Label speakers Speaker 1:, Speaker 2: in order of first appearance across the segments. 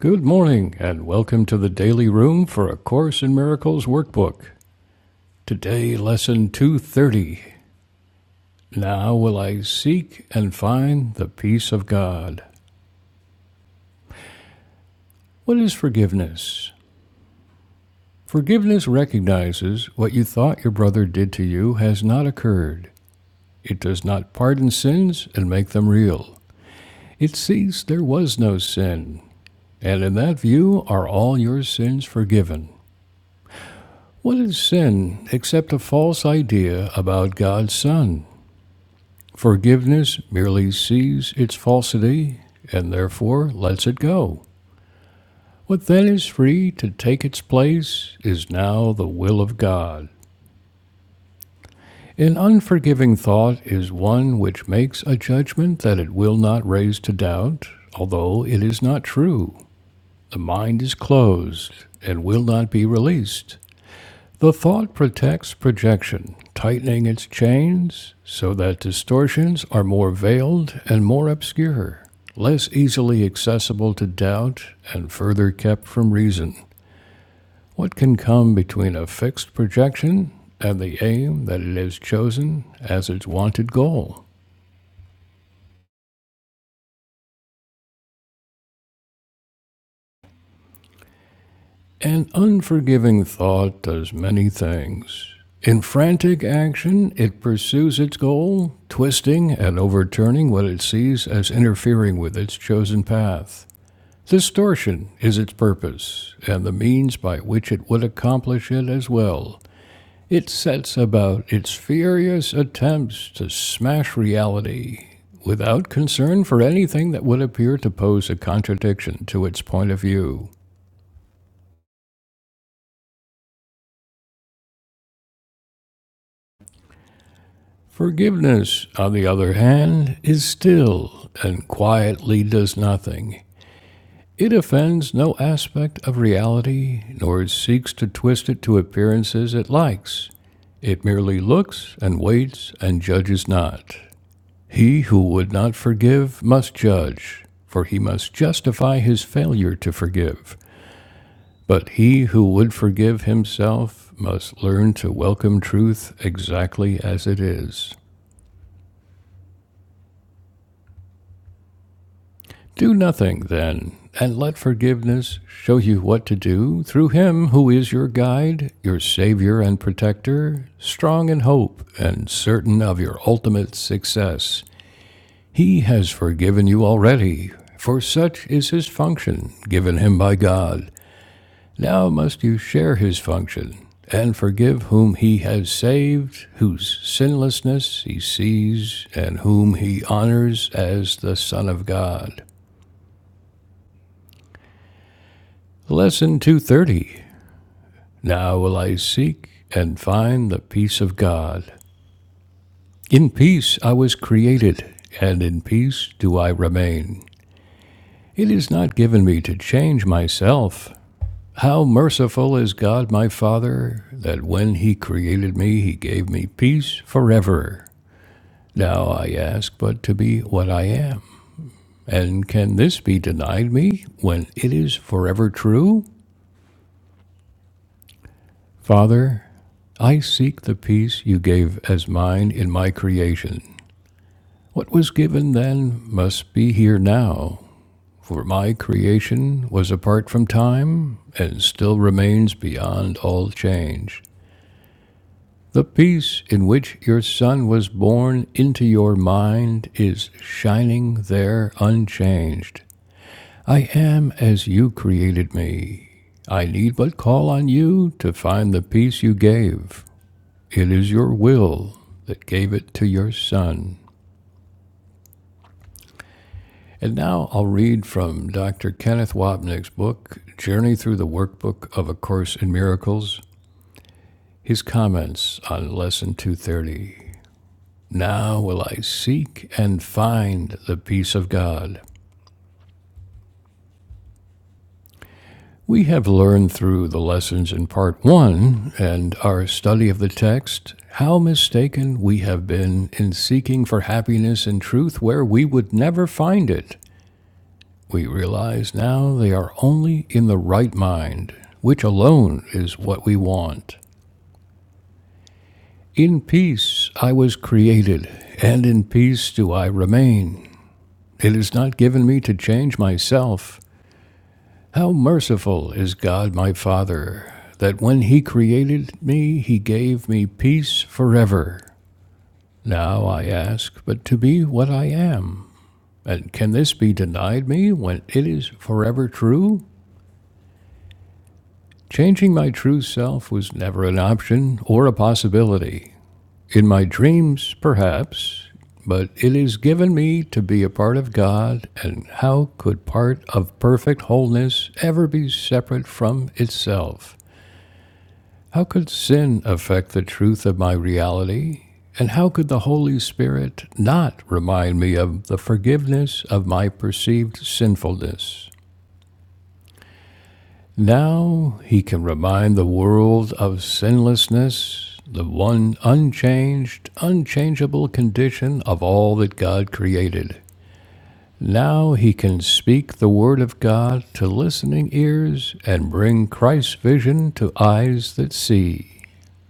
Speaker 1: Good morning, and welcome to the Daily Room for A Course in Miracles workbook. Today, lesson 230. Now will I seek and find the peace of God. What is forgiveness? Forgiveness recognizes what you thought your brother did to you has not occurred. It does not pardon sins and make them real. It sees there was no sin, and in that view are all your sins forgiven. What is sin except a false idea about God's Son? Forgiveness merely sees its falsity and therefore lets it go. What then is free to take its place is now the will of God. An unforgiving thought is one which makes a judgment that it will not raise to doubt, although it is not true. The mind is closed and will not be released. The thought protects projection, tightening its chains so that distortions are more veiled and more obscure, less easily accessible to doubt and further kept from reason. What can come between a fixed projection and the aim that it has chosen as its wanted goal? An unforgiving thought does many things. In frantic action, it pursues its goal, twisting and overturning what it sees as interfering with its chosen path. Distortion is its purpose, and the means by which it would accomplish it as well. It sets about its furious attempts to smash reality without concern for anything that would appear to pose a contradiction to its point of view. Forgiveness, on the other hand, is still and quietly does nothing. It offends no aspect of reality, nor seeks to twist it to appearances it likes. It merely looks and waits and judges not. He who would not forgive must judge, for he must justify his failure to forgive. But he who would forgive himself must learn to welcome truth exactly as it is. Do nothing, then, and let forgiveness show you what to do through Him who is your guide, your Savior and Protector, strong in hope and certain of your ultimate success. He has forgiven you already, for such is His function given Him by God. Now must you share His function and forgive whom He has saved, whose sinlessness He sees, and whom He honors as the Son of God. Lesson 230 Now will I seek and find the peace of God. In peace I was created, and in peace do I remain. It is not given me to change myself. How merciful is God my Father, that when He created me, He gave me peace forever. Now I ask but to be what I am. And can this be denied me when it is forever true? Father, I seek the peace you gave as mine in my creation. What was given then must be here now, for my creation was apart from time and still remains beyond all change. The peace in which your Son was born into your mind is shining there unchanged. I am as you created me. I need but call on you to find the peace you gave. It is your will that gave it to your son. And now I'll read from Dr. Kenneth Wapnick's book, Journey Through the Workbook of A Course in Miracles, his comments on Lesson 230. Now will I seek and find the peace of God. We have learned through the lessons in Part 1 and our study of the text how mistaken we have been in seeking for happiness and truth where we would never find it. We realize now they are only in the right mind, which alone is what we want. In peace I was created, and in peace do I remain. It is not given me to change myself. How merciful is God my Father, that when He created me, He gave me peace forever. Now I ask but to be what I am. And can this be denied me when it is forever true? Changing my true self was never an option or a possibility. In my dreams, perhaps, but it is given me to be a part of God, and how could part of perfect wholeness ever be separate from itself? How could sin affect the truth of my reality? And how could the Holy Spirit not remind me of the forgiveness of my perceived sinfulness? Now he can remind the world of sinlessness, the one unchanged, unchangeable condition of all that God created. Now he can speak the word of God to listening ears and bring Christ's vision to eyes that see.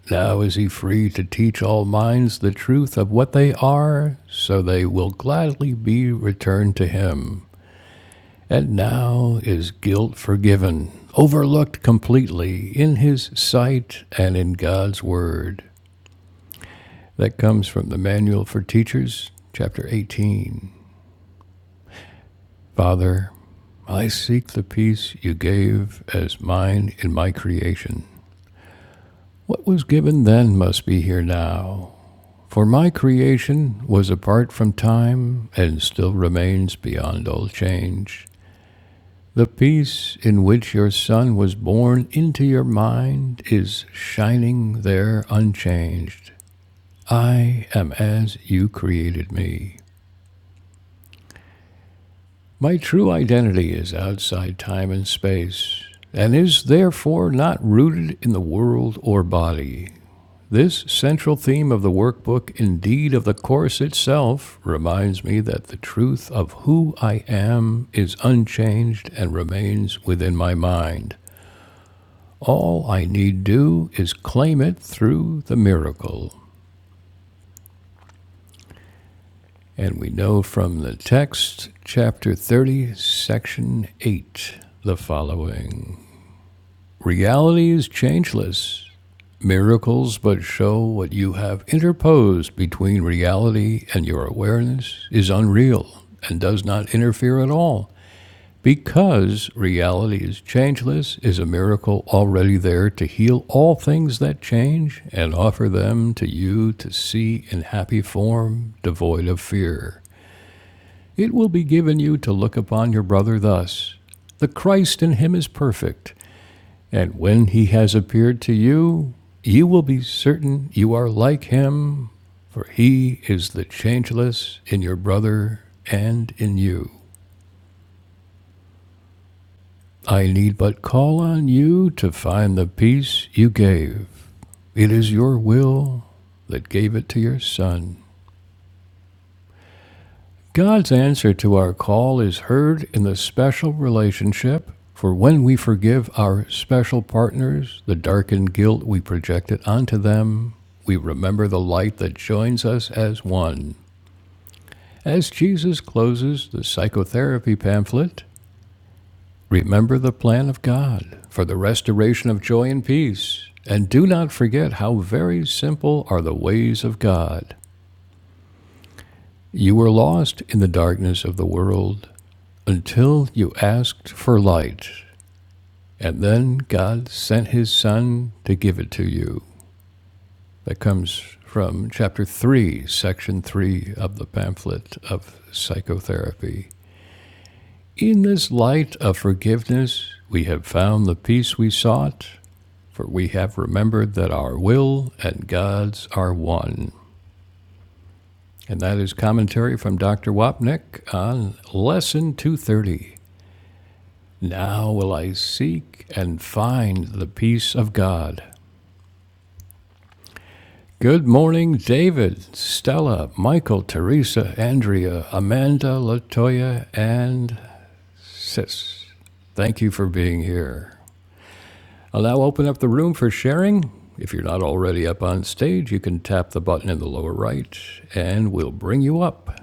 Speaker 1: Now is he free to teach all minds the truth of what they are, so they will gladly be returned to him and now is guilt forgiven, overlooked completely in His sight and in God's Word. That comes from the Manual for Teachers, chapter 18. Father, I seek the peace you gave as mine in my creation. What was given then must be here now, for my creation was apart from time and still remains beyond all change. The peace in which your Son was born into your mind is shining there unchanged. I am as you created me. My true identity is outside time and space, and is therefore not rooted in the world or body. This central theme of the workbook, indeed of the Course itself, reminds me that the truth of who I am is unchanged and remains within my mind. All I need do is claim it through the miracle. And we know from the text, chapter 30, section 8, the following Reality is changeless. Miracles but show what you have interposed between reality and your awareness is unreal and does not interfere at all Because reality is changeless, is a miracle already there to heal all things that change and offer them to you to see in happy form, devoid of fear. It will be given you to look upon your brother thus The Christ in him is perfect, and when he has appeared to you, you will be certain you are like him, for he is the changeless in your brother and in you. I need but call on you to find the peace you gave. It is your will that gave it to your Son. God's answer to our call is heard in the special relationship, for when we forgive our special partners the darkened guilt we projected onto them, we remember the light that joins us as one. As Jesus closes the psychotherapy pamphlet, Remember the plan of God for the restoration of joy and peace, and do not forget how very simple are the ways of God. You were lost in the darkness of the world until you asked for light, and then God sent His Son to give it to you. That comes from chapter 3, section 3 of the pamphlet of psychotherapy. In this light of forgiveness, we have found the peace we sought For we have remembered that our will and God's are one. And that is commentary from Dr. Wapnick on Lesson 230. Now will I seek and find the peace of God. Good morning, David, Stella, Michael, Teresa, Andrea, Amanda, Latoya, and Sis. Thank you for being here. I'll now open up the room for sharing. If you're not already up on stage, you can tap the button in the lower right and we'll bring you up.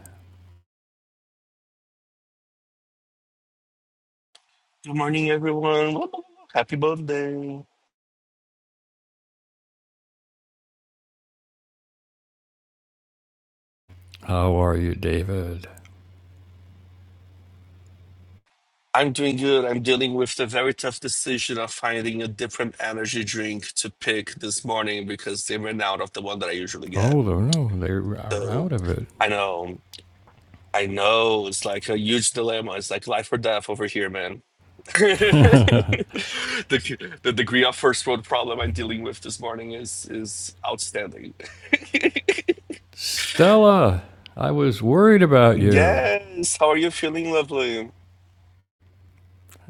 Speaker 2: Good morning, everyone. Happy birthday!
Speaker 1: How are you, David?
Speaker 2: I'm doing good. I'm dealing with the very tough decision of finding a different energy drink to pick this morning because they ran out of the one that I usually get.
Speaker 1: Oh, no, no, they are out
Speaker 2: So
Speaker 1: of it.
Speaker 2: I know, I know it's like a huge dilemma. It's like life or death over here, man. the, the degree of first world problem I'm dealing with this morning is is outstanding.
Speaker 1: Stella, I was worried about you.
Speaker 2: Yes. How are you feeling, lovely?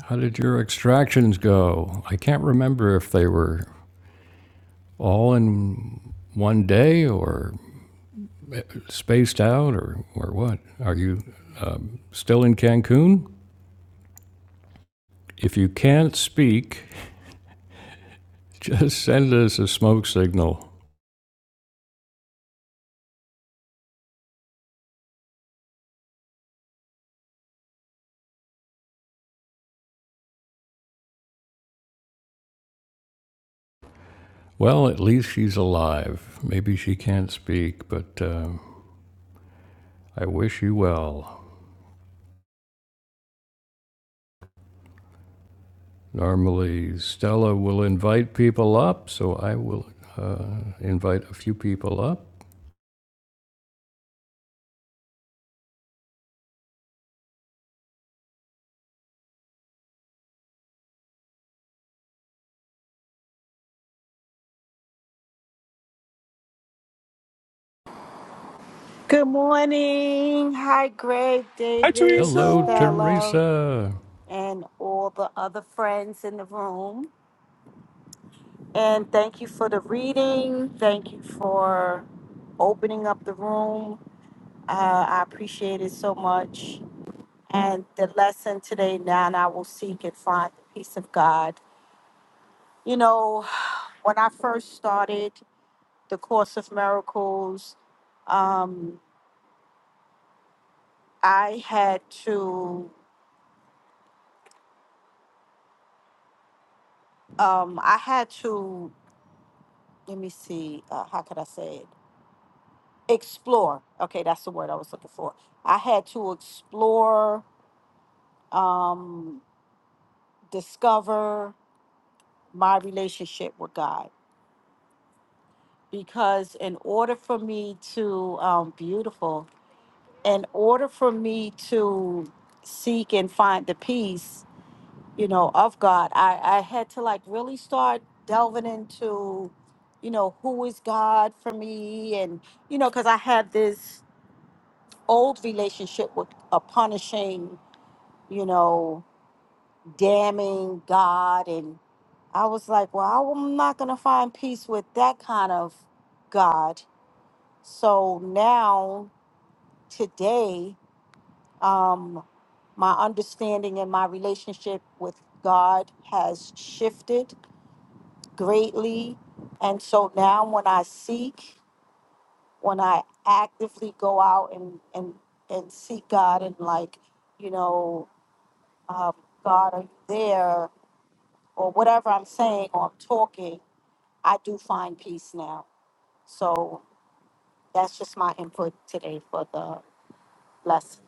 Speaker 1: How did your extractions go? I can't remember if they were all in one day or spaced out or, or what. Are you um, still in Cancun? If you can't speak, Just send us a smoke signal. Well, at least she's alive. Maybe she can't speak, but um, I wish you well. Normally, Stella will invite people up, so I will uh, invite a few people up.
Speaker 3: Good morning. Hi, Greg,
Speaker 2: Hi,
Speaker 3: David,
Speaker 1: Hello,
Speaker 2: Teresa.
Speaker 3: Stella,
Speaker 1: Teresa.
Speaker 3: and all the other friends in the room. And thank you for the reading. Thank you for opening up the room. Uh, I appreciate it so much. And the lesson today, now I will seek and find the peace of God. You know, when I first started the Course of Miracles, um, I had to, um, I had to let me see, uh, how could I say it? Explore. Okay, that's the word I was looking for. I had to explore, um, discover my relationship with God because in order for me to, um, beautiful, in order for me to seek and find the peace, you know, of God, I, I had to like really start delving into, you know, who is God for me and, you know, because I had this old relationship with a punishing, you know, damning God. And I was like, well, I'm not going to find peace with that kind of God. So now, today, um, my understanding and my relationship with God has shifted greatly. And so now, when I seek, when I actively go out and, and, and seek God and like, you know, um, God, are you there? Or whatever I'm saying or I'm talking, I do find peace now. So that's just my input today for the lesson.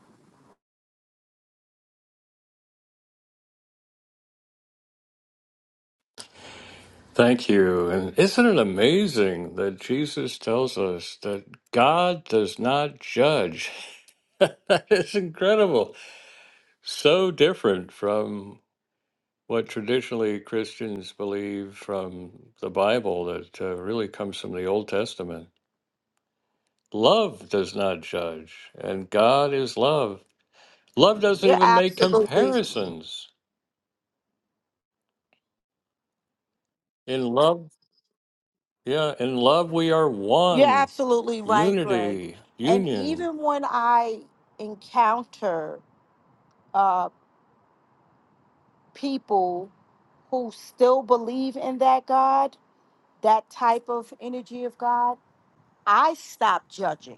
Speaker 1: Thank you. And isn't it amazing that Jesus tells us that God does not judge? that is incredible. So different from what traditionally Christians believe from the Bible that uh, really comes from the Old Testament. Love does not judge, and God is love. Love doesn't
Speaker 3: You're
Speaker 1: even make
Speaker 3: absolutely,
Speaker 1: comparisons. In love, yeah, in love we are
Speaker 3: you're
Speaker 1: one,
Speaker 3: absolutely right, Greg.
Speaker 1: unity,
Speaker 3: And
Speaker 1: union.
Speaker 3: even when I encounter uh, people who still believe in that God, that type of energy of God, I stop judging.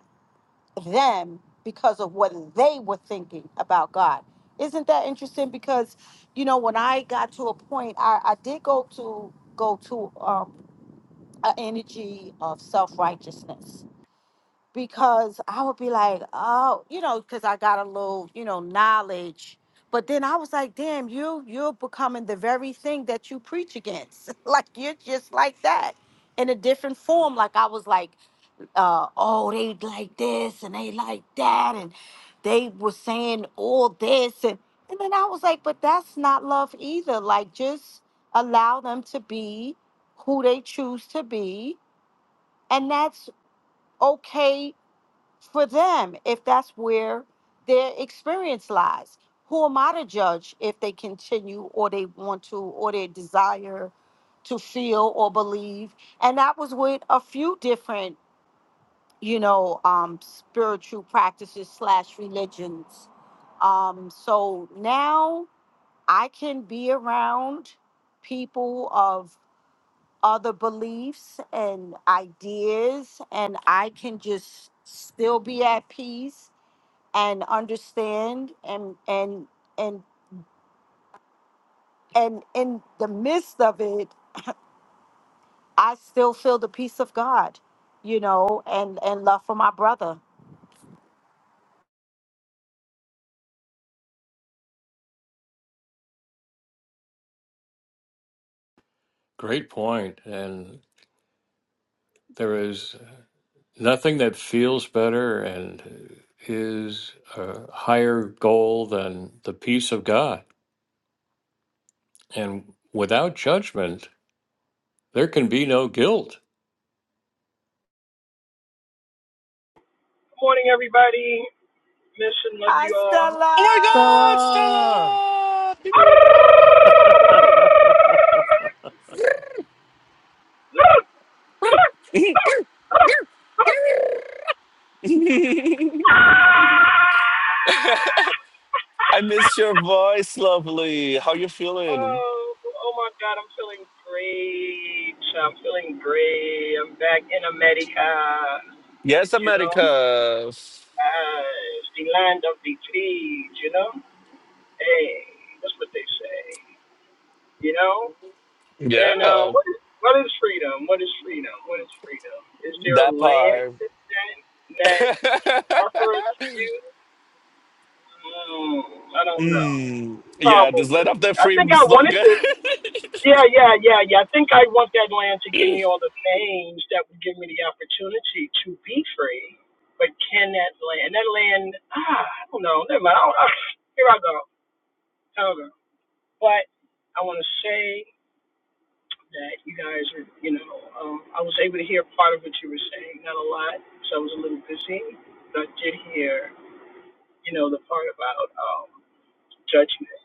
Speaker 3: them because of what they were thinking about God. Isn't that interesting? Because you know, when I got to a point, I, I did go to go to um an energy of self righteousness because I would be like, oh, you know, because I got a little, you know, knowledge. But then I was like, damn, you you're becoming the very thing that you preach against. like you're just like that in a different form. Like I was like uh, oh, they like this and they like that, and they were saying all this, and and then I was like, but that's not love either. Like, just allow them to be who they choose to be, and that's okay for them if that's where their experience lies. Who am I to judge if they continue or they want to or they desire to feel or believe? And that was with a few different you know, um, spiritual practices slash religions. Um, so now I can be around people of other beliefs and ideas, and I can just still be at peace and understand and and and and in the midst of it, I still feel the peace of God, you know, and and love for my brother.
Speaker 1: Great point. And there is nothing that feels better and is a higher goal than the peace of God. And without judgment, There can be no guilt.
Speaker 4: Good morning, everybody. Mission, love you
Speaker 3: Hasta
Speaker 4: all.
Speaker 3: la.
Speaker 2: Oh my God, Stella! I miss your voice, lovely. How you feeling?
Speaker 4: Oh, oh my God, I'm feeling great. I'm feeling great. I'm back in America.
Speaker 2: Yes,
Speaker 4: You know,
Speaker 2: America.
Speaker 4: uh, it's the land of the free. You know, hey, that's what they say. You know, and um,
Speaker 2: Yeah,
Speaker 4: what is, what is freedom? What is freedom? What is freedom? Is there a
Speaker 2: that
Speaker 4: land
Speaker 2: part.
Speaker 4: that that offer it to you? Mm, I don't know.
Speaker 2: Mm, yeah, just
Speaker 4: Probably.
Speaker 2: let off that
Speaker 4: I think
Speaker 2: free
Speaker 4: I wanted
Speaker 2: slogan.
Speaker 4: to. Yeah, yeah, yeah, yeah. I think I want that land to give me all the things that would give me the opportunity to be free. But can that land, that land, ah, I don't know. Never mind. I don't, ah, here I go. Here I go. But I want to say that you guys are, you know, um, I was able to hear part of what you were saying, not a lot, because I was a little busy. But I did hear, you know, the part about um, judgment,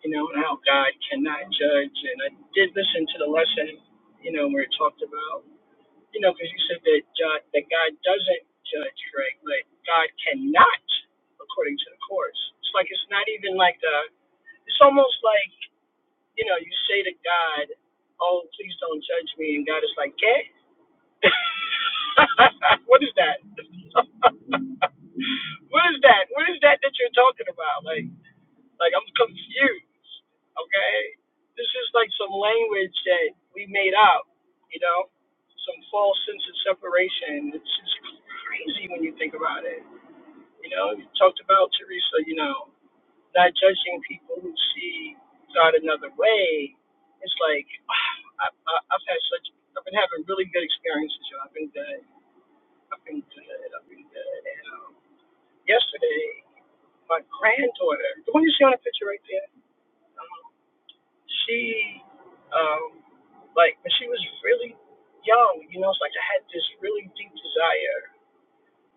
Speaker 4: you know, and how God cannot judge. And I did listen to the lesson, you know, where it talked about. You know, because you said that God, that God doesn't judge, right? But God cannot, according to the course. It's like it's not even like the. It's almost like you know, you say to God, "Oh, please don't judge me," and God is like, "Okay." what is that? what is that? What is that that you're talking about? Like. Like I'm confused. Okay, this is like some language that we made up. You know, some false sense of separation. It's just crazy when you think about it. You know, you talked about Teresa. You know, not judging people who see God another way. It's like I, I, I've had such. I've been having really good experiences. Y'all. I've been good. I've been good. I've been good. And um, yesterday, my granddaughter, the one you see on the picture right there. um, she um like when she was really young, you know, it's like I had this really deep desire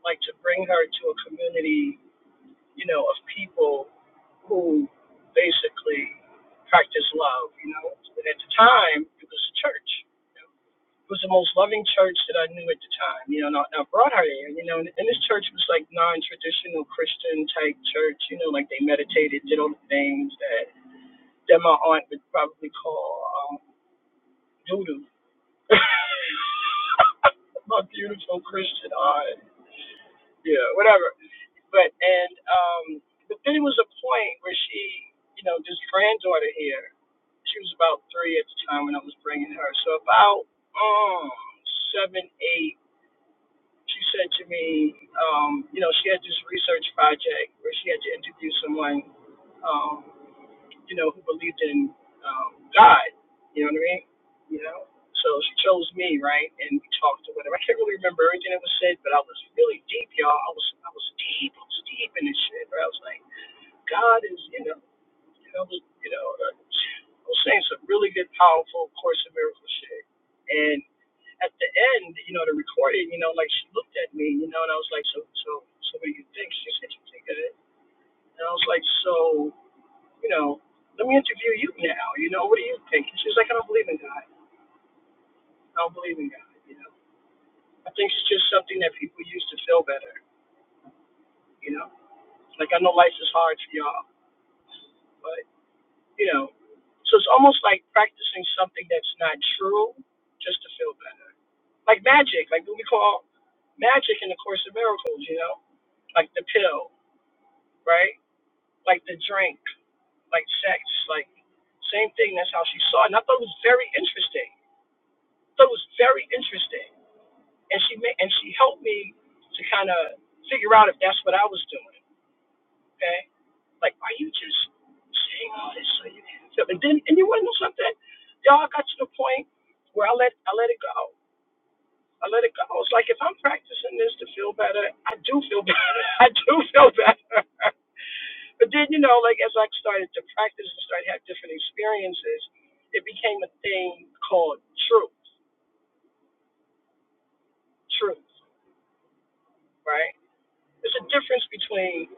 Speaker 4: like to bring her to a community, you know, of people who basically practice love, you know. And at the time it was a church. you know. It was the most loving church that I knew at the time, you know, and I, and I brought her there, you know, and, and this church was like non traditional Christian type church, you know, like they meditated, did all the things that that my aunt would probably call. um, Judas. Not beautiful Christian eye. Yeah, whatever. But and um but then it was a point where she, you know, this granddaughter here, she was about three at the time when I was bringing her. So about um seven, eight, she said to me, um, you know, she had this research project where she had to interview someone. Um, you know, who believed in um, God. You know what I mean? You know? So she chose me, right? And we talked or whatever. I can't really remember everything that was said, but I was really deep, y'all. I was I was deep. I was deep in this shit. But I was like, God is, you know, you know, you know, uh, I was saying some really good, powerful Course of Miracles shit. And at the end, you know, the recording, you know, like she looked at me, you know, and I was like, so, so, so what do you think? She said, you think of it? And I was like, so you know, let me interview you now. You know, what do you think? And she's like, I don't believe in God. I don't believe in God. You know, I think it's just something that people use to feel better. You know, like I know life is hard for y'all, but you know, so it's almost like practicing something that's not true just to feel better. Like magic, like what we call magic in the Course of Miracles. You know, like the pill, right? Like the drink, like sex, like same thing. That's how she saw it. And I thought it was very interesting. I thought it was very interesting and she made and she helped me to kind of figure out if that's what I was doing. Okay, like are you just saying all this so you can feel? And then and you want to know something, y'all I got to the point where I let I let it go. I let it go. It's like if I'm practicing this to feel better, I do feel better. I do feel better. but then you know, like as I started to practice and started to have different experiences, it became a thing called truth. Truth, right? There's a difference between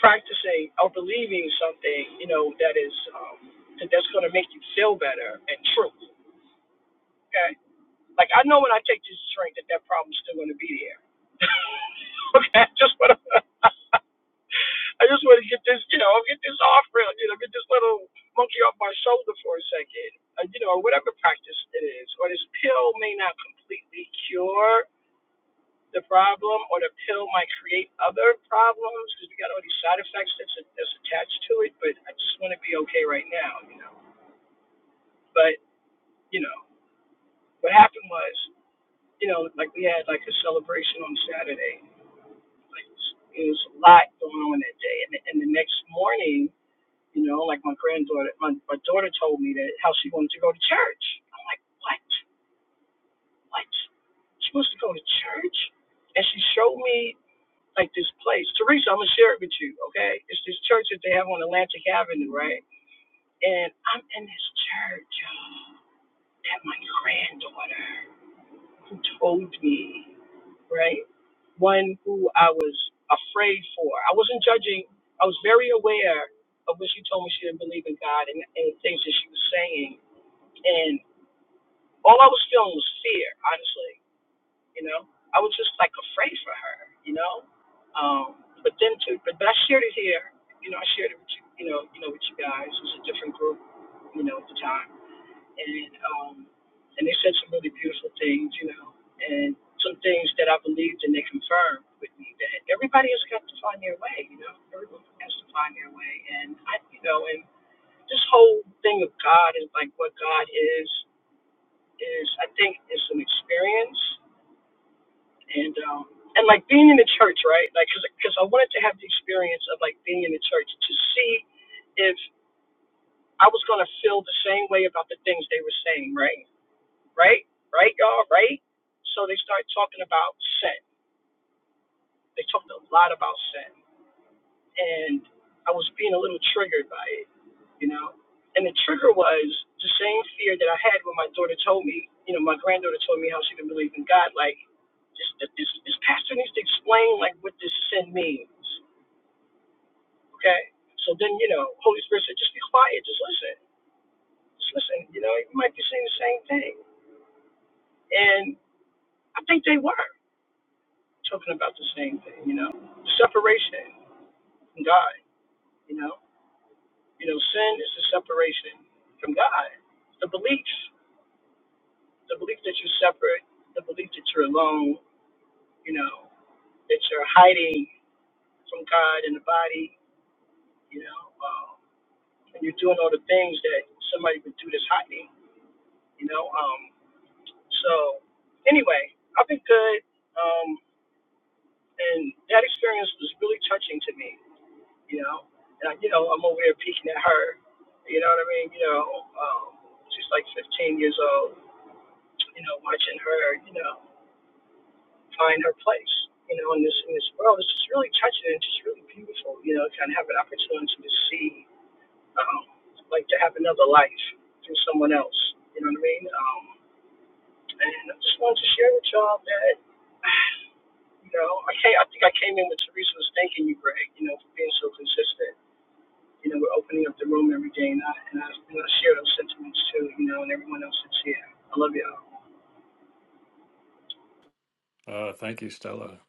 Speaker 4: practicing or believing something, you know, that is um, that that's going to make you feel better and truth. Okay, like I know when I take this drink that that problem's still going to be there. okay, I just want to, I just want to get this, you know, get this off real, you know, get this little monkey off my shoulder for a second. Uh, you know, whatever practice it is, or this pill may not completely cure the problem or the pill might create other problems because we got all these side effects that's, that's attached to it. But I just want to be okay right now, you know. But you know, what happened was, you know, like we had like a celebration on Saturday. Like it was, a lot going on that day, and, and the next morning, you know, like my granddaughter, my, my daughter told me that how she wanted to go to church. I'm like, what? What? She wants to go to church? And she showed me like this place. Teresa, I'm gonna share it with you, okay? It's this church that they have on Atlantic Avenue, right? And I'm in this church y'all, that my granddaughter who told me, right? One who I was afraid for. I wasn't judging. I was very aware of when she told me she didn't believe in God and, and things that she was saying. And all I was feeling was fear, honestly. you know. I was just like afraid for her, you know. Um, but then to but, but I shared it here, you know, I shared it with you, you know, you know, with you guys. It was a different group, you know, at the time. And um and they said some really beautiful things, you know, and some things that I believed and they confirmed with me that everybody has got to find their way, you know. Everyone has to find their way and I you know, and this whole thing of God is like what God is is I think is an experience and um and like being in the church right like because i wanted to have the experience of like being in the church to see if i was going to feel the same way about the things they were saying right right right y'all right so they start talking about sin they talked a lot about sin and I was being a little triggered by it, you know. And the trigger was the same fear that I had when my daughter told me, you know, my granddaughter told me how she didn't believe in God. Like, this, this, this pastor needs to explain like what this sin means, okay? So then, you know, Holy Spirit said, just be quiet, just listen, just listen. You know, you might be saying the same thing, and I think they were talking about the same thing, you know, separation from God, you know. You know, sin is the separation from God. The beliefs, the belief that you're separate, the belief that you're alone, you know, that you're hiding from God in the body, you know, um, and you're doing all the things that somebody would do that's hiding, you know. Um, so, anyway, I've been good, um, and that experience was really touching to me, you know. And, I, you know, I'm over here peeking at her, you know what I mean? You know, um, she's like 15 years old you know, watching her, you know, find her place, you know, in this in this world. It's just really touching and just really beautiful, you know, kind of have an opportunity to see, um, like to have another life through someone else. You know what I mean? Um, and I just wanted to share with y'all that, you know, I can't, I think I came in with Teresa was thanking you, Greg, you know, for being so consistent. You know, we're opening up the room every day, and I and I, and I share those sentiments too, you know, and everyone else that's here. I love y'all.
Speaker 1: Uh, thank you, Stella.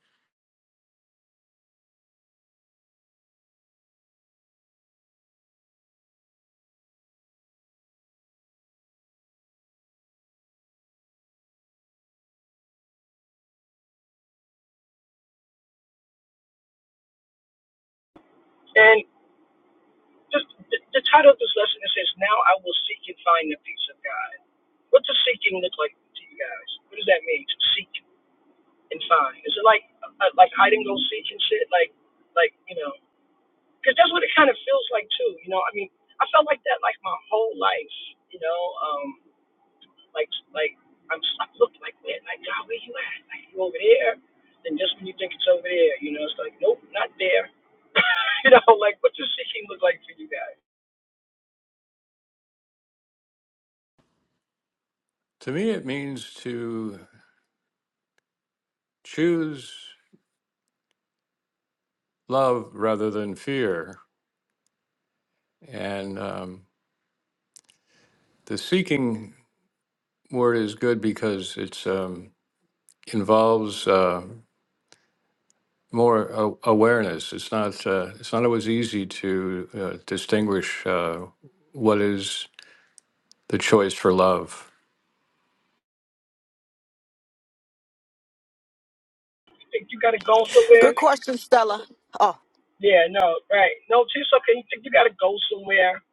Speaker 4: and. Just the, the title of this lesson it says, "Now I will seek and find the peace of God." What does seeking look like to you guys? What does that mean to seek and find? Is it like uh, uh, like hide and go seek and shit? Like like you know, because that's what it kind of feels like too. You know, I mean, I felt like that like my whole life. You know, um, like like I'm s- I looked like man, like God, where you at? Like you over there? And just when you think it's over there, you know, it's like nope, not there. you know, like what does seeking look like for you guys?
Speaker 1: To me, it means to choose love rather than fear. And um, the seeking word is good because it's um, involves uh, more a- awareness. It's not uh, it's not always easy to uh, distinguish uh, what is the choice for love.
Speaker 4: You think you gotta go somewhere?
Speaker 3: Good question, Stella. Oh,
Speaker 4: Yeah, no, right. No, it's okay. You think you gotta go somewhere.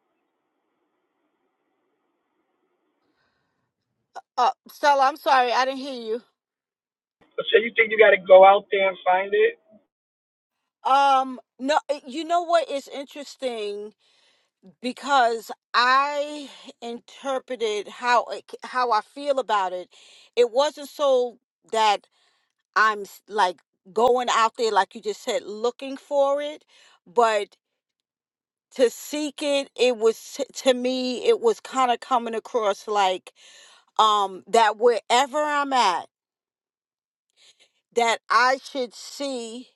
Speaker 3: uh, Stella, I'm sorry, I didn't hear you.
Speaker 4: But say you think you gotta go out there and find it.
Speaker 3: Um, no, you know what is interesting because I interpreted how it, how I feel about it. It wasn't so that I'm s- like going out there, like you just said, looking for it, but to seek it, it was to me, it was kind of coming across like um that wherever I'm at, that I should see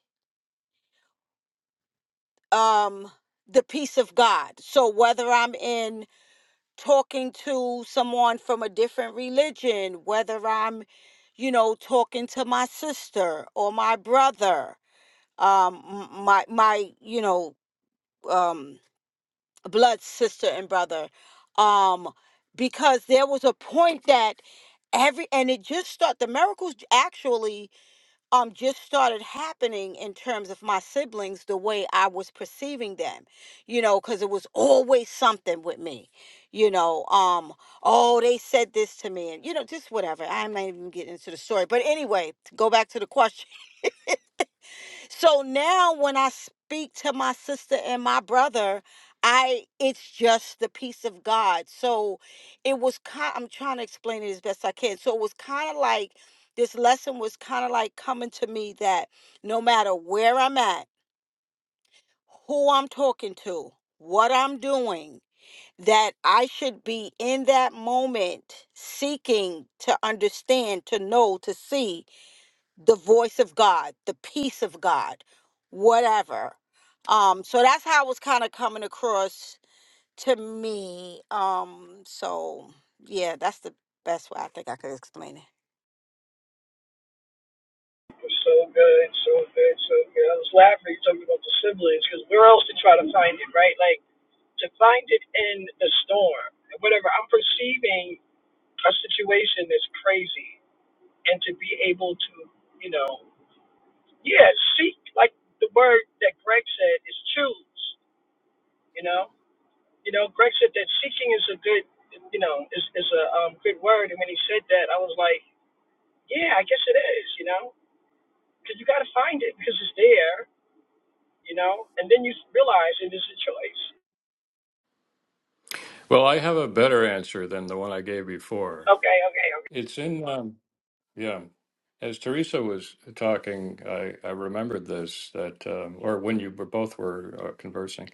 Speaker 3: um the peace of God. So whether I'm in talking to someone from a different religion, whether I'm you know talking to my sister or my brother, um m- my my you know um blood sister and brother um because there was a point that every and it just started the miracles actually um just started happening in terms of my siblings the way I was perceiving them you know cuz it was always something with me you know um oh they said this to me and you know just whatever I'm not even getting into the story but anyway to go back to the question so now when I speak to my sister and my brother, I it's just the peace of God. So it was kind I'm trying to explain it as best I can. So it was kind of like this lesson was kind of like coming to me that no matter where I'm at, who I'm talking to, what I'm doing, that I should be in that moment seeking to understand, to know, to see the voice of God, the peace of God, whatever. Um, so that's how it was kind of coming across to me. Um, so yeah, that's the best way I think I could explain it.
Speaker 4: It's so good, so good, so good. I was laughing talking about the siblings, because where else to try to find it, right? Like to find it in the storm, whatever. I'm perceiving a situation that's crazy, and to be able to, you know, yeah, seek like the word that Greg said is choose. You know. You know, Greg said that seeking is a good, you know, is is a um, good word. And when he said that, I was like, yeah, I guess it is. You know, because you got to find it because it's there. You know, and then you realize it is a choice.
Speaker 1: Well, I have a better answer than the one I gave before.
Speaker 4: Okay, okay, okay.
Speaker 1: It's in um, yeah. As Teresa was talking, I, I remembered this that, um, or when you were both were uh, conversing.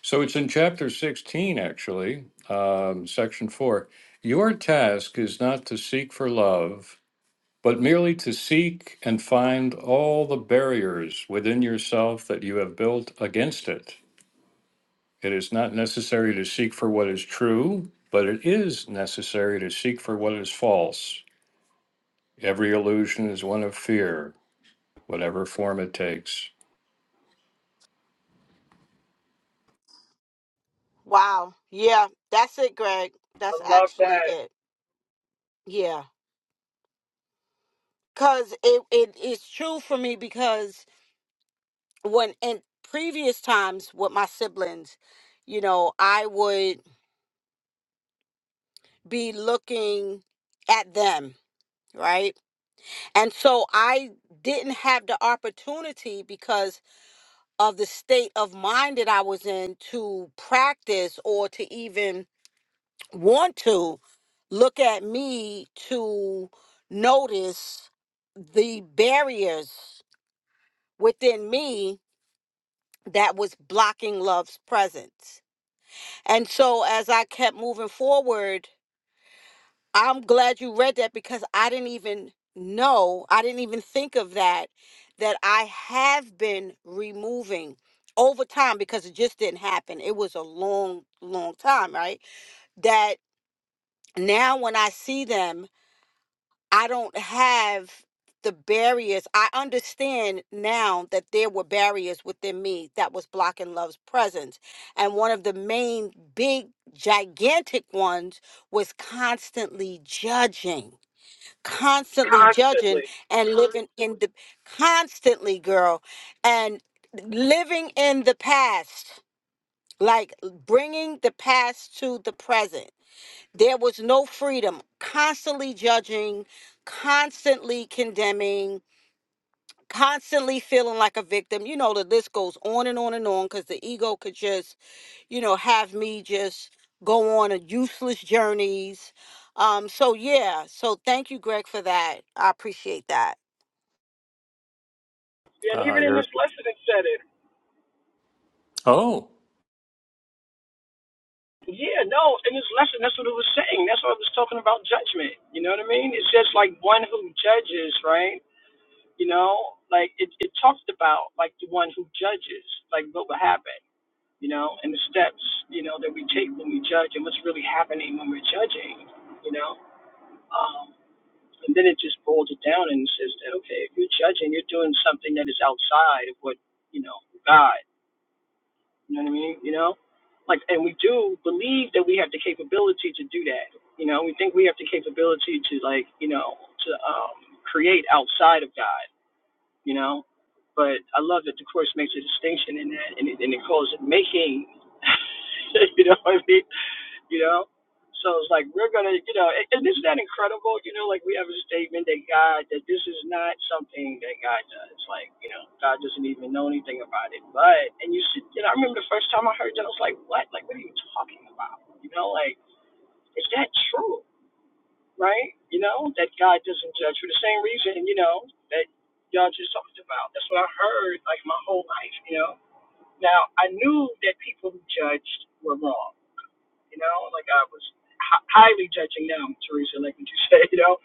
Speaker 1: So it's in chapter 16, actually, um, section four. Your task is not to seek for love, but merely to seek and find all the barriers within yourself that you have built against it. It is not necessary to seek for what is true, but it is necessary to seek for what is false. Every illusion is one of fear. whatever form it takes.
Speaker 3: Wow. Yeah, that's it, Greg.
Speaker 4: I
Speaker 3: That's
Speaker 4: love
Speaker 3: actually
Speaker 4: that
Speaker 3: it. Yeah. Cause it, it it's true for me because when in previous times with my siblings, you know, I would be looking at them, right? And so I didn't have the opportunity because of the state of mind that I was in to practice or to even want to look at me to notice the barriers within me that was blocking love's presence. And so as I kept moving forward, I'm glad you read that because I didn't even know, I didn't even think of that, that I have been removing over time because it just didn't happen. It was a long, long time, right? That now when I see them, I don't have the barriers. I understand now that there were barriers within me that was blocking love's presence. And one of the main, big, gigantic ones was constantly judging constantly judging
Speaker 4: constantly.
Speaker 3: and living in the constantly girl and living in the past like bringing the past to the present there was no freedom constantly judging constantly condemning constantly feeling like a victim you know the list goes on and on and on because the ego could just you know have me just go on a useless journeys um so yeah so thank you greg for that i appreciate that
Speaker 4: Yeah, and
Speaker 1: Uh,
Speaker 4: even in
Speaker 1: you're,
Speaker 4: this lesson, it said it.
Speaker 1: oh,
Speaker 4: Yeah, no, in this lesson, that's what it was saying. That's what I was talking about judgment. You know what I mean? It's just like one who judges, right? You know, like it, it talked about like the one who judges, like what would happen. you know, and the steps, you know, that we take when we judge and what's really happening when we're judging, you know. Um, and then it just boils it down and says that, okay, if you're judging, you're doing something that is outside of what, you know, God, you know what I mean? You know, like, and we do believe that we have the capability to do that. You know, we think we have the capability to, like, you know, to um, create outside of God you know. But I love that the course makes a distinction in that, and it, and it calls it making. you know what I mean? You know. So it's like we're gonna, you know, and and isn't that incredible? You know, like we have a statement that God, that this is not something that God does. Like, you know, God doesn't even know anything about it. But, and you should, you know, I remember the first time I heard that, I was like, what? Like, what are you talking about? You know, like, is that true? right? You know, that God doesn't judge for the same reason, you know, that y'all just talked about. That's what I heard like my whole life, you know. Now I knew that people who judged were wrong, you know, like I was hi- highly judging them, Teresa, like what you said, you know,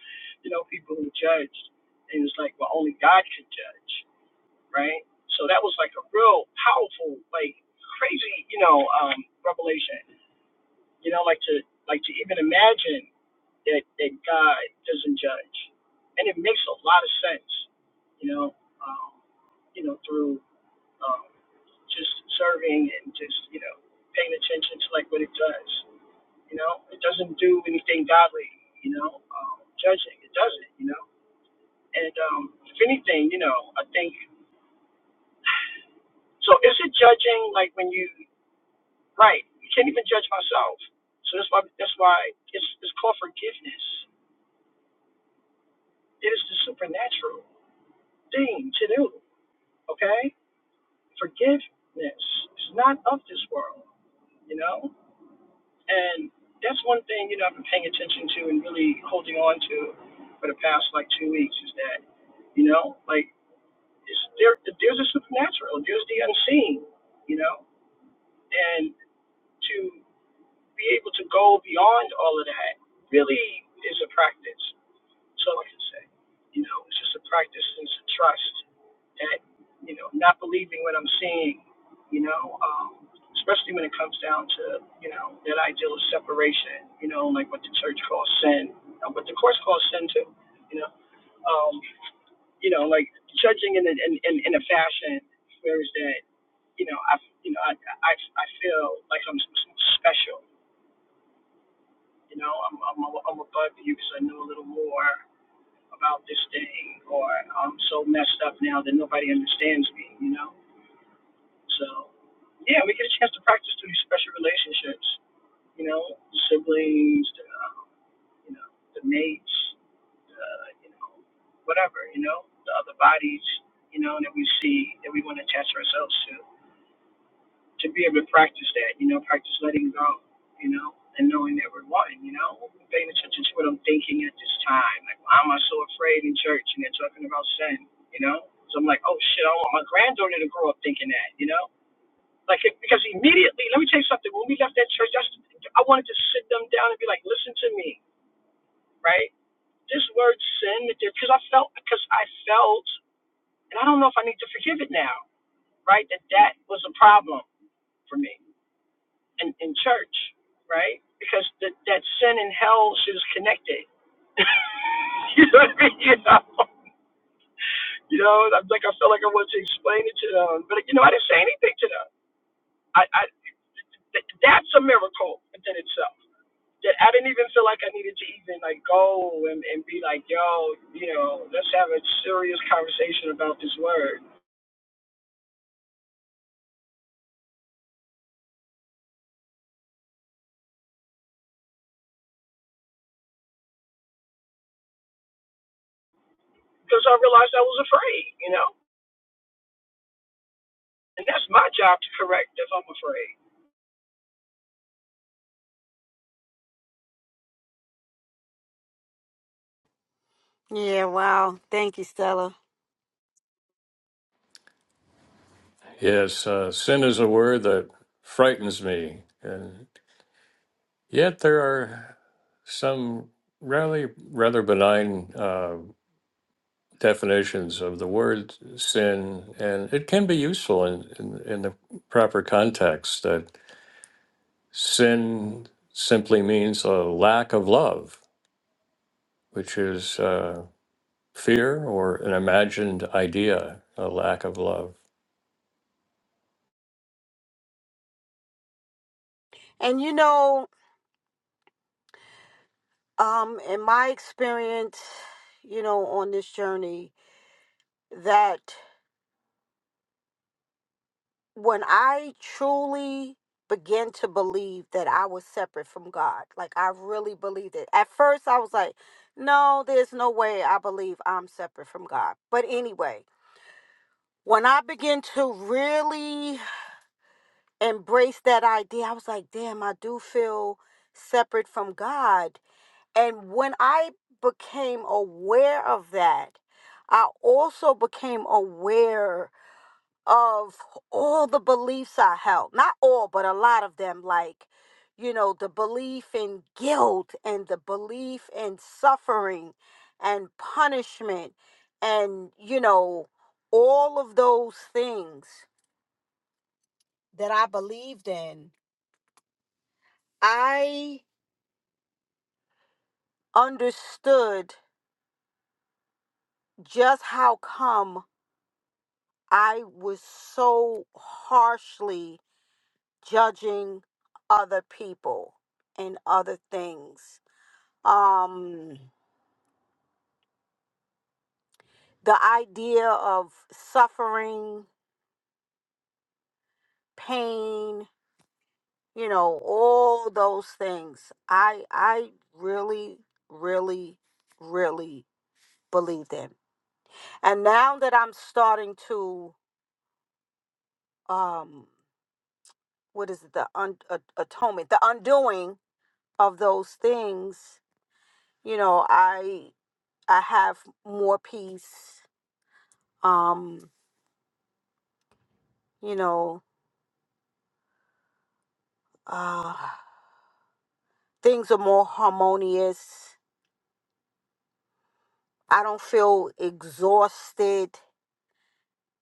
Speaker 4: you know, people who judged, and it's like, well, only God could judge, right? So that was like a real powerful, like crazy, you know, um, revelation, you know, like to like to even imagine that, that God doesn't judge. And it makes a lot of sense, you know, um, you know, through um, just serving and just, you know, paying attention to like what it does. You know, it doesn't do anything godly, you know, um, judging. It doesn't, you know. And um, if anything, you know, I think, so is it judging like when you, right, you can't even judge myself. So that's why, that's why it's, it's called forgiveness. It is the supernatural thing to do. okay? Forgiveness is not of this world, you know? And that's one thing, you know, I've been paying attention to and really holding on to for the past like two weeks is that, you know, like it's, there, there's a supernatural, there's the unseen, you know? And to be able to go beyond all of that really is a practice, That's all I can say. You know, it's just a practice and it's a trust that, you know, not believing what I'm seeing, you know, um, especially when it comes down to, you know, that ideal of separation, you know, like what the church calls sin, uh, what the course calls sin too, you know, um, you know, like judging in a, in, in, in a fashion where is that, you know, I, you know, I, I, I feel like I'm special, you know, I'm, I'm, I'm above you because I know a little more, about this thing, or I'm so messed up now that nobody understands me, you know? So, yeah, we get a chance to practice through these special relationships, you know, the siblings, the, um, you know, the mates, the, you know, whatever, you know, the other bodies, you know, that we see that we want to attach ourselves to to be able to practice that, you know, practice letting go, you know, and knowing that we're one, you know, paying attention to what I'm thinking at this time. Like, why am I so afraid in church and they're talking about sin, you know? So I'm like, oh shit, I want my granddaughter to grow up thinking that, you know? Like, it, because immediately, let me tell you something. When we left that church, that's, I wanted to sit them down and be like, listen to me, right? This word sin, because I felt, because I felt, and I don't know if I need to forgive it now, right? That that was a problem for me in, in church, right? Because the, that sin and hell shit is connected. you know what I mean? You know, you know I'm like, I felt like I wanted to explain it to them. But, you know, I didn't say anything to them. I, I th- That's a miracle within itself. That I didn't even feel like I needed to even like go and, and be like, yo, you know, let's have a serious conversation about this word. Because I realized I was afraid, you know? And that's my job to correct if I'm afraid.
Speaker 3: Yeah, wow. Thank you, Stella.
Speaker 1: Yes, uh, sin is a word that frightens me, and yet there are some really rather benign uh, definitions of the word sin, and it can be useful in, in, in the proper context. That sin simply means a lack of love, which is uh, fear or an imagined idea, a lack of love.
Speaker 3: And you know, um, in my experience, you know, on this journey, that when I truly began to believe that I was separate from God, like I really believed it. At first, I was like, no, there's no way I believe I'm separate from God. But anyway, when I began to really embrace that idea, I was like, damn, I do feel separate from God And when I became aware of that, I also became aware of all the beliefs I held. Not all, but a lot of them. Like, you know, the belief in guilt and the belief in suffering and punishment and, you know, all of those things that I believed in. I understood just how come I was so harshly judging other people and other things. Um, the idea of suffering, pain, you know, all those things. I I really, really, really believed in. And now that I'm starting to, um, what is it, the un- a- atonement, the undoing of those things, you know, I I have more peace. Um, you know, uh, things are more harmonious. I don't feel exhausted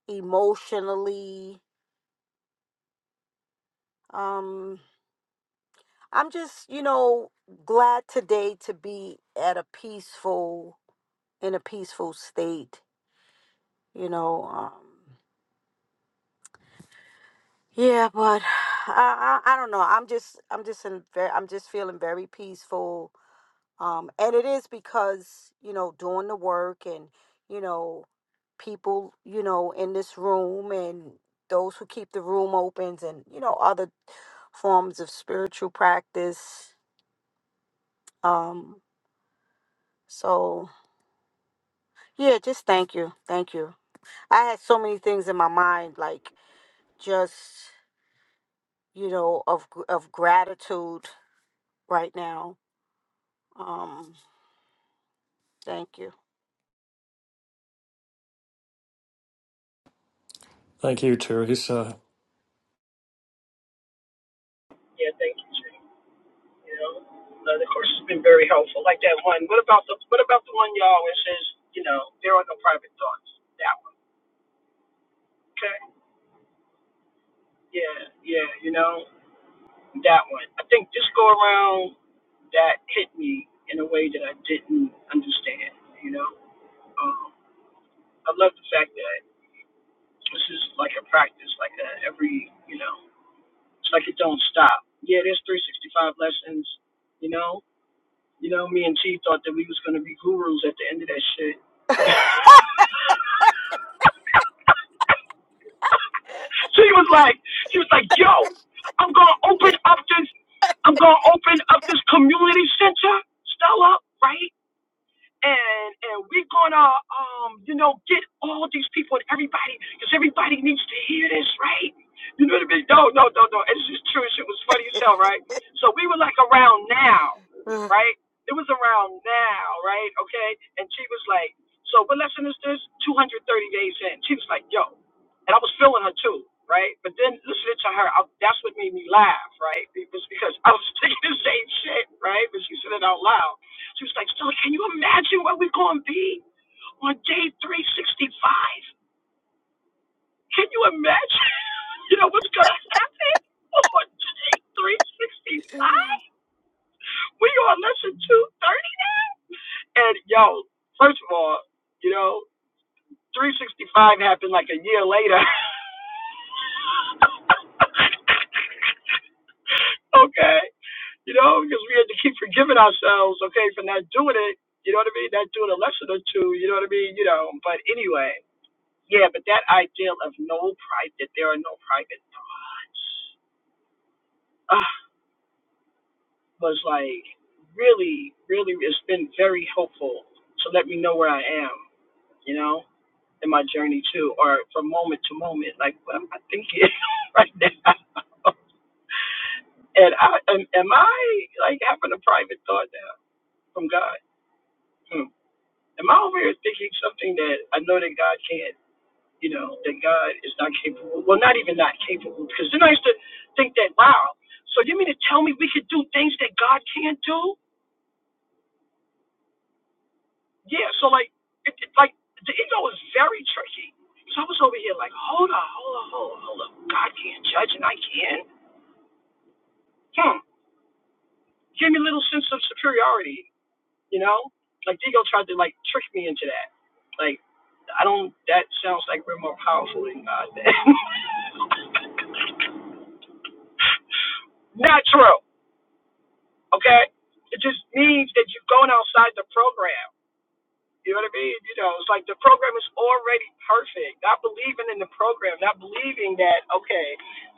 Speaker 3: emotionally. Um, I'm just, you know, glad today to be at a peaceful, in a peaceful state. You know, um, yeah, but I, I, I don't know. I'm just, I'm just in, ve- I'm just feeling very peaceful Um, and it is because, you know, doing the work and, you know, people, you know, in this room and those who keep the room opens and, you know, other forms of spiritual practice. Um, so yeah, just thank you. Thank you. I had so many things in my mind, like just, you know, of gr- of gratitude right now. Um, thank you.
Speaker 1: thank you, Teresa.
Speaker 4: Yeah, thank you, Jay. you know. And of course, it's been very helpful. Like that one. What about the What about the one y'all where it says, you know, there are no private thoughts? That one. Okay. Yeah, yeah. You know, that one. I think this go around, that hit me in a way that I didn't understand. You know, um, I love the fact that this is like a practice, like a every, you know, it's like it don't stop. Yeah, there's 365 lessons. You know, You know, me and Chief thought that we was gonna be gurus at the end of that shit. she was like, she was like, yo, I'm gonna open up this, I'm gonna open up this community center, Stella, right? and and we're gonna um you know get all these people and everybody because everybody needs to hear this right you know what i mean no no no no it's just true shit was funny as hell right so we were like around now right it was around now right okay and she was like so what lesson is this 230 days in she was like yo and i was feeling her too right but then listening to her I, that's what made me laugh right it was because i was thinking the same shit right but she said it out loud she was like, Stella, can you imagine where we're going to be on day 365? Can you imagine? You know what's going to happen on day 365? We on lesson 230. And yo, first of all, you know, 365 happened like a year later. okay. You know, because we had to keep forgiving ourselves, okay, for not doing it. You know what I mean? Not doing a lesson or two. You know what I mean? You know, but anyway. Yeah, but that ideal of no private, that there are no private thoughts, ah, was like really, really, it's been very helpful to let me know where I am, you know, in my journey too, or from moment to moment, like what am I thinking right now? And I am, am I like having a private thought now from God? Hmm. Am I over here thinking something that I know that God can't? you know, that God is not capable. Well, not even not capable, because then I used to think that, wow, so you mean to tell me we could do things that God can't do? Yeah, so like, it, it, like the ego is very tricky. So I was over here like, hold up, hold up, hold up, hold up. God can't judge and I can. Hmm. Gave me a little sense of superiority, you know? Like the ego tried to like trick me into that. Like, I don't, that sounds like we're more powerful than God. not true. Okay? It just means that you are going outside the program. You know what I mean? You know, it's like the program is already perfect. Not believing in the program, not believing that, okay,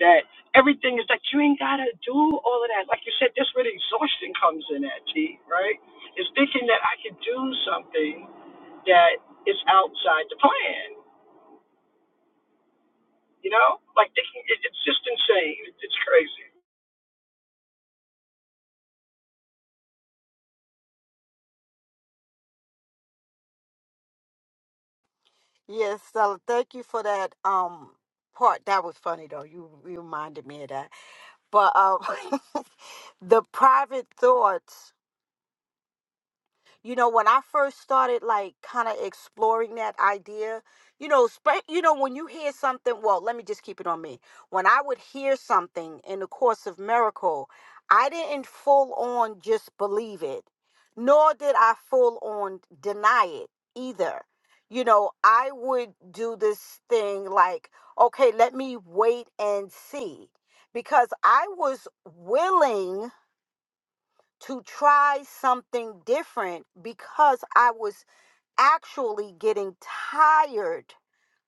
Speaker 4: that everything is like you ain't gotta do all of that. Like you said, that's where the exhaustion comes in at, T, right? It's thinking that I can do something that is outside the plan. You know? Like thinking it, it's just insane. It's crazy.
Speaker 3: Yes, Stella, thank you for that um part. That was funny though. You you reminded me of that. But um the private thoughts you know, when I first started like kind of exploring that idea, you know, sp- you know when you hear something, well, let me just keep it on me. When I would hear something in the course of miracle, I didn't full on just believe it, nor did I full on deny it either. You know, I would do this thing like, okay, let me wait and see because I was willing to try something different because I was actually getting tired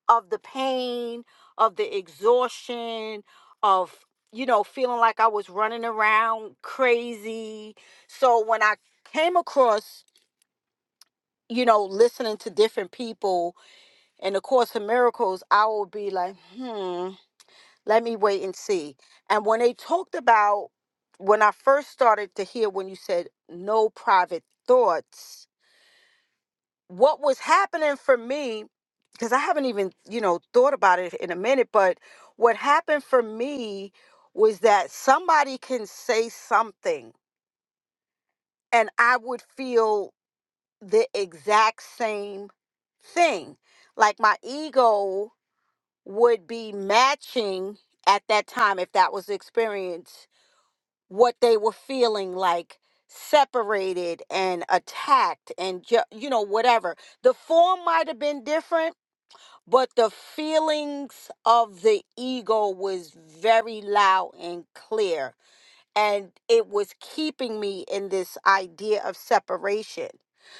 Speaker 3: of the pain, of the exhaustion, of, you know, feeling like I was running around crazy. So when I came across, you know, listening to different people in the Course of Miracles, I would be like, hmm. Let me wait and see. And when they talked about, when I first started to hear when you said no private thoughts, what was happening for me, because I haven't even, you know, thought about it in a minute, but what happened for me was that somebody can say something and I would feel the exact same thing. Like my ego would be matching at that time, if that was the experience, what they were feeling like separated and attacked and ju- you know whatever the form might have been different but the feelings of the ego was very loud and clear and it was keeping me in this idea of separation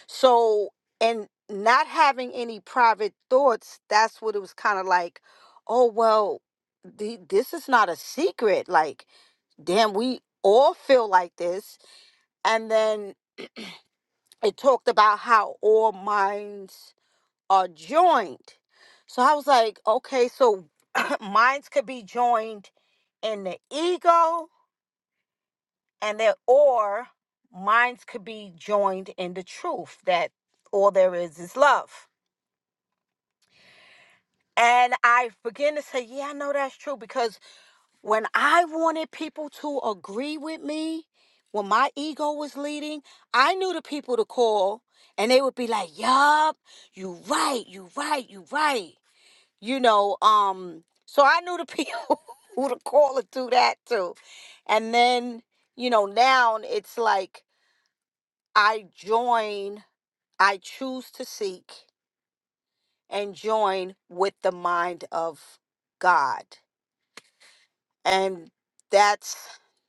Speaker 3: so and not having any private thoughts that's what it was kind of like oh well the, this is not a secret like damn, we all feel like this. And then it talked about how all minds are joined. So I was like, okay, so minds could be joined in the ego and that or minds could be joined in the truth that all there is is love. And I begin to say, yeah, I know that's true because when I wanted people to agree with me, when my ego was leading, I knew the people to call and they would be like, Yup, you right, you right, you right. You know, um, so I knew the people who to call and do that too. And then, you know, now it's like I join, I choose to seek and join with the mind of God. and that's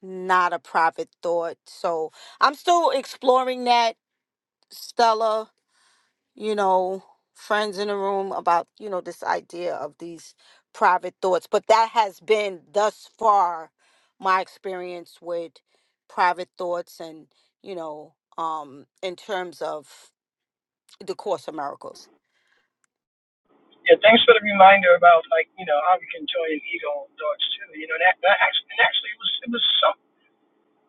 Speaker 3: not a private thought. So I'm still exploring that, Stella, you know, friends in the room about, you know, this idea of these private thoughts. But that has been thus far my experience with private thoughts and, you know, um, in terms of the Course of Miracles.
Speaker 4: Yeah, thanks for the reminder about like you know how we can join an ego on thoughts too. You know that that actually and actually it was it was some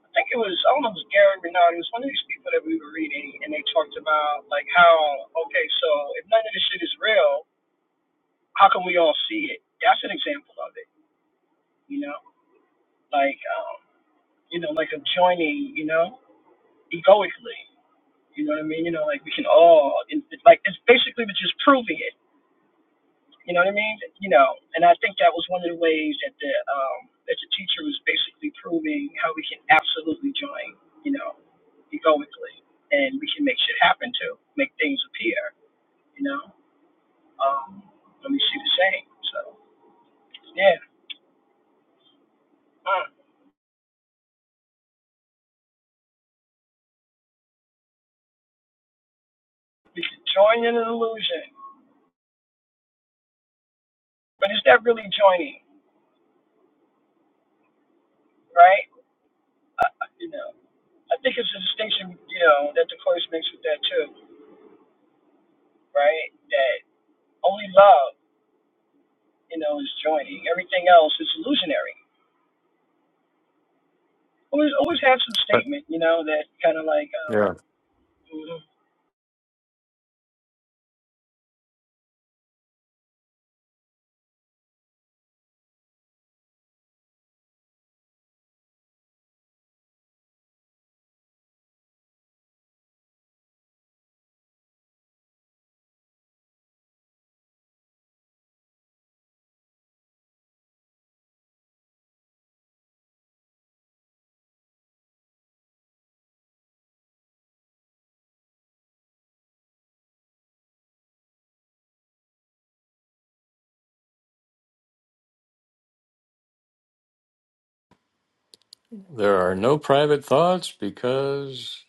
Speaker 4: I think it was I don't know if it was Gary Renard. It was one of these people that we were reading and they talked about like how okay so if none of this shit is real, how can we all see it? That's an example of it. You know, like um, you know like of joining you know egoically. You know what I mean? You know like we can all it's like it's basically we're just proving it You know what I mean? You know, and I think that was one of the ways that the um, that the teacher was basically proving how we can absolutely join. You know, egoically, and we can make shit happen too, make things appear. You know, um, and we see the same. So yeah, mm, we can join in an illusion, but is that really joining? Right? Uh, uh, you know, I think it's a distinction. You know, that the course makes with that too. Right? That only love, you know, is joining. Everything else is illusionary always always have some statement, you know, that kind of like, um,
Speaker 1: Yeah.
Speaker 4: mhm.
Speaker 1: There are no private thoughts because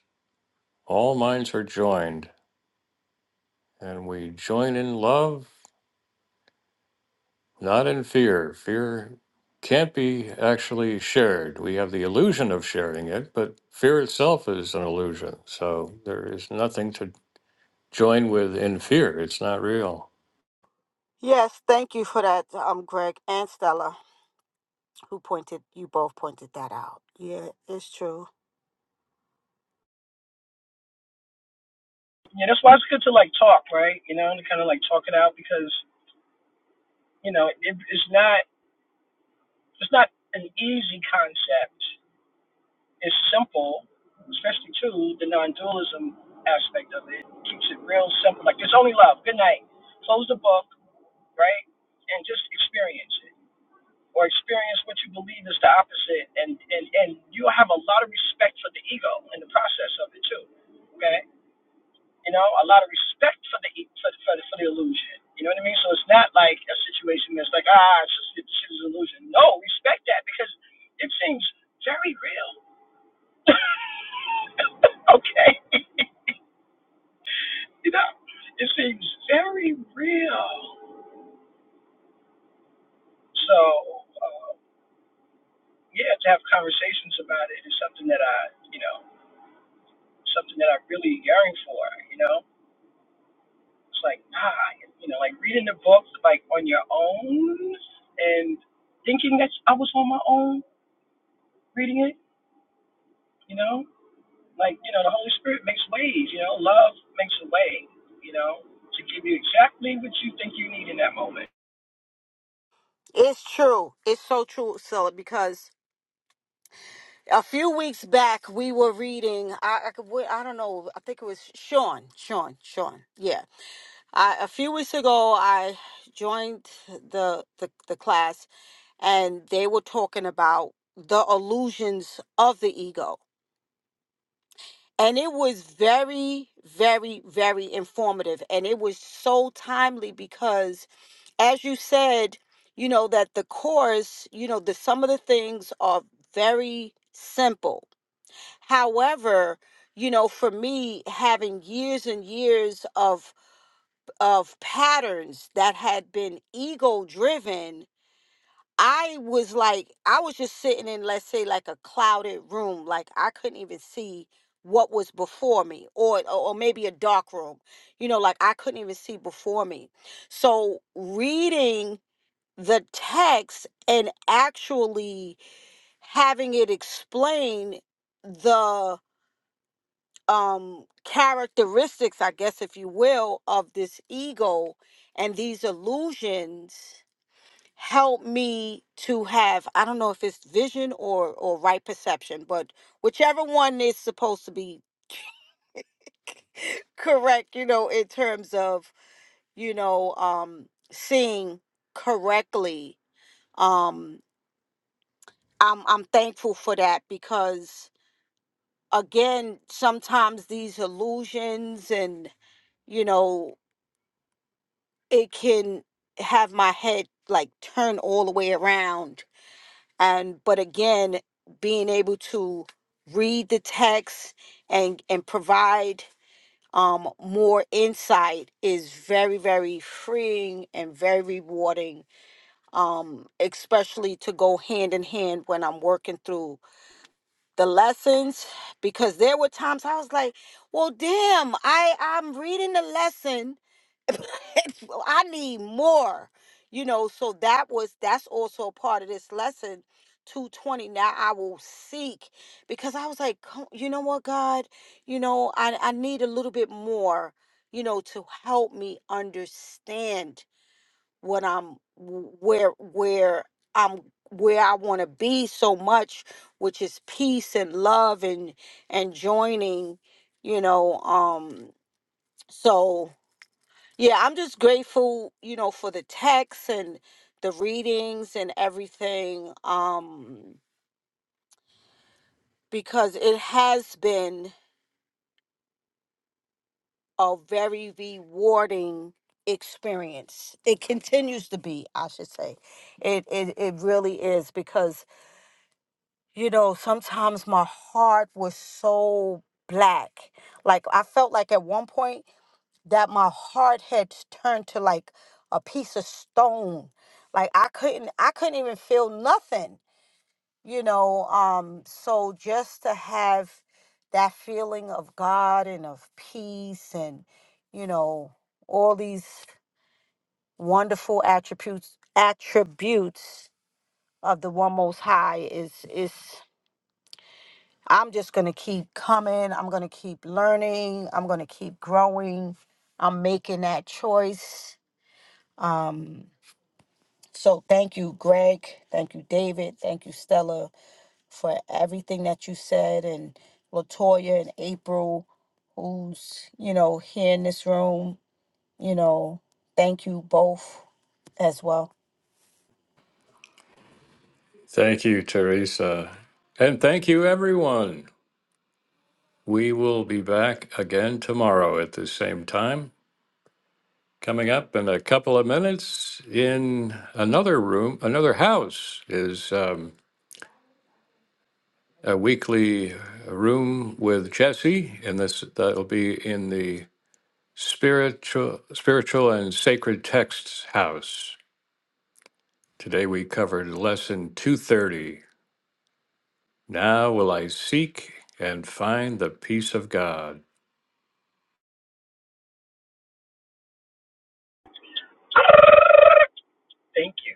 Speaker 1: all minds are joined, and we join in love, not in fear. Fear can't be actually shared. We have the illusion of sharing it, but fear itself is an illusion. So there is nothing to join with in fear. It's not real.
Speaker 3: Yes, thank you for that, um, Greg and Stella, who pointed you both pointed that out. Yeah, it's true.
Speaker 4: yeah, that's why it's good to like talk, right? You know, and kind of like talk it out because you know it, it's not it's not an easy concept. It's simple, especially too the non-dualism aspect of it It keeps it real simple. Like there's only love. Good night. Close the book, right, and just experience it. Or experience what you believe is the opposite, and, and, and you'll have a lot of respect for the ego in the process of it too. Okay, you know, a lot of respect for the for, the, for, the, for the illusion. You know what I mean? So it's not like a situation that's like, ah, it's just, it's just an illusion. No, respect that because it seems very real. okay, you know, it seems very real. So uh, yeah, to have conversations about it is something that I, you know, something that I really yearn for. You know It's like, ah, you know, like reading the books like on your own and thinking that I was on my own reading it, you know? Like, you know, the Holy Spirit makes ways, you know, love makes a way, you know, to give you exactly what you think you need in that moment.
Speaker 3: It's true. It's so true, Scylla, because a few weeks back we were reading. I, I, could- wait, I don't know. I think it was Sean. Sean. Sean. Yeah. I, a few weeks ago, I joined the, the the class, and they were talking about the illusions of the ego, and it was very, very, very informative, and it was so timely because as you said, you know, that the course, you know, the some of the things are very simple. However, you know, for me, having years and years of of patterns that had been ego driven, I was like, I was just sitting in, let's say, like a clouded room. Like I couldn't even see what was before me or or maybe a dark room you know like i couldn't even see before me so reading the text and actually having it explain the um characteristics i guess if you will of this ego and these illusions help me to have i don't know if it's vision or or right perception but whichever one is supposed to be correct you know in terms of you know um seeing correctly um I'm I'm thankful for that because again, sometimes these illusions and you know, it can have my head like turn all the way around. And but again, being able to read the text and and provide um more insight is very very freeing and very rewarding um especially to go hand in hand when i'm working through the lessons because there were times I was like, well, damn, I I'm reading the lesson. I need more, you know. So that was that's also a part of this lesson. 220 now i will seek because i was like "Co- you know what god you know i, I need a little bit more you know to help me understand what I'm where where I'm where I want to be so much, which is peace and love and and joining, you know. Um, so yeah, I'm just grateful, you know, for the texts and the readings and everything, um, because it has been a very rewarding experience. It continues to be, I should say. It it, it really is because you know, sometimes my heart was so black. Like I felt like at one point that my heart had turned to like a piece of stone. Like I couldn't I couldn't even feel nothing, you know. Um so just to have that feeling of God and of peace and you know all these wonderful attributes attributes of the one most high is is I'm just going to keep coming. I'm going to keep learning. I'm going to keep growing. I'm making that choice. Um, so thank you, Greg. Thank you, David. Thank you, Stella, for everything that you said, and Latoya and April, who's you know here in this room. You know, thank you both as well.
Speaker 1: Thank you, Teresa. And thank you, everyone. We will be back again tomorrow at the same time. Coming up in a couple of minutes in another room, another house is um, a weekly room with Jesse, and this that'll be in the spiritual, spiritual and sacred texts house. Today we covered lesson 230. Now will I seek and find the peace of God.
Speaker 4: Thank you.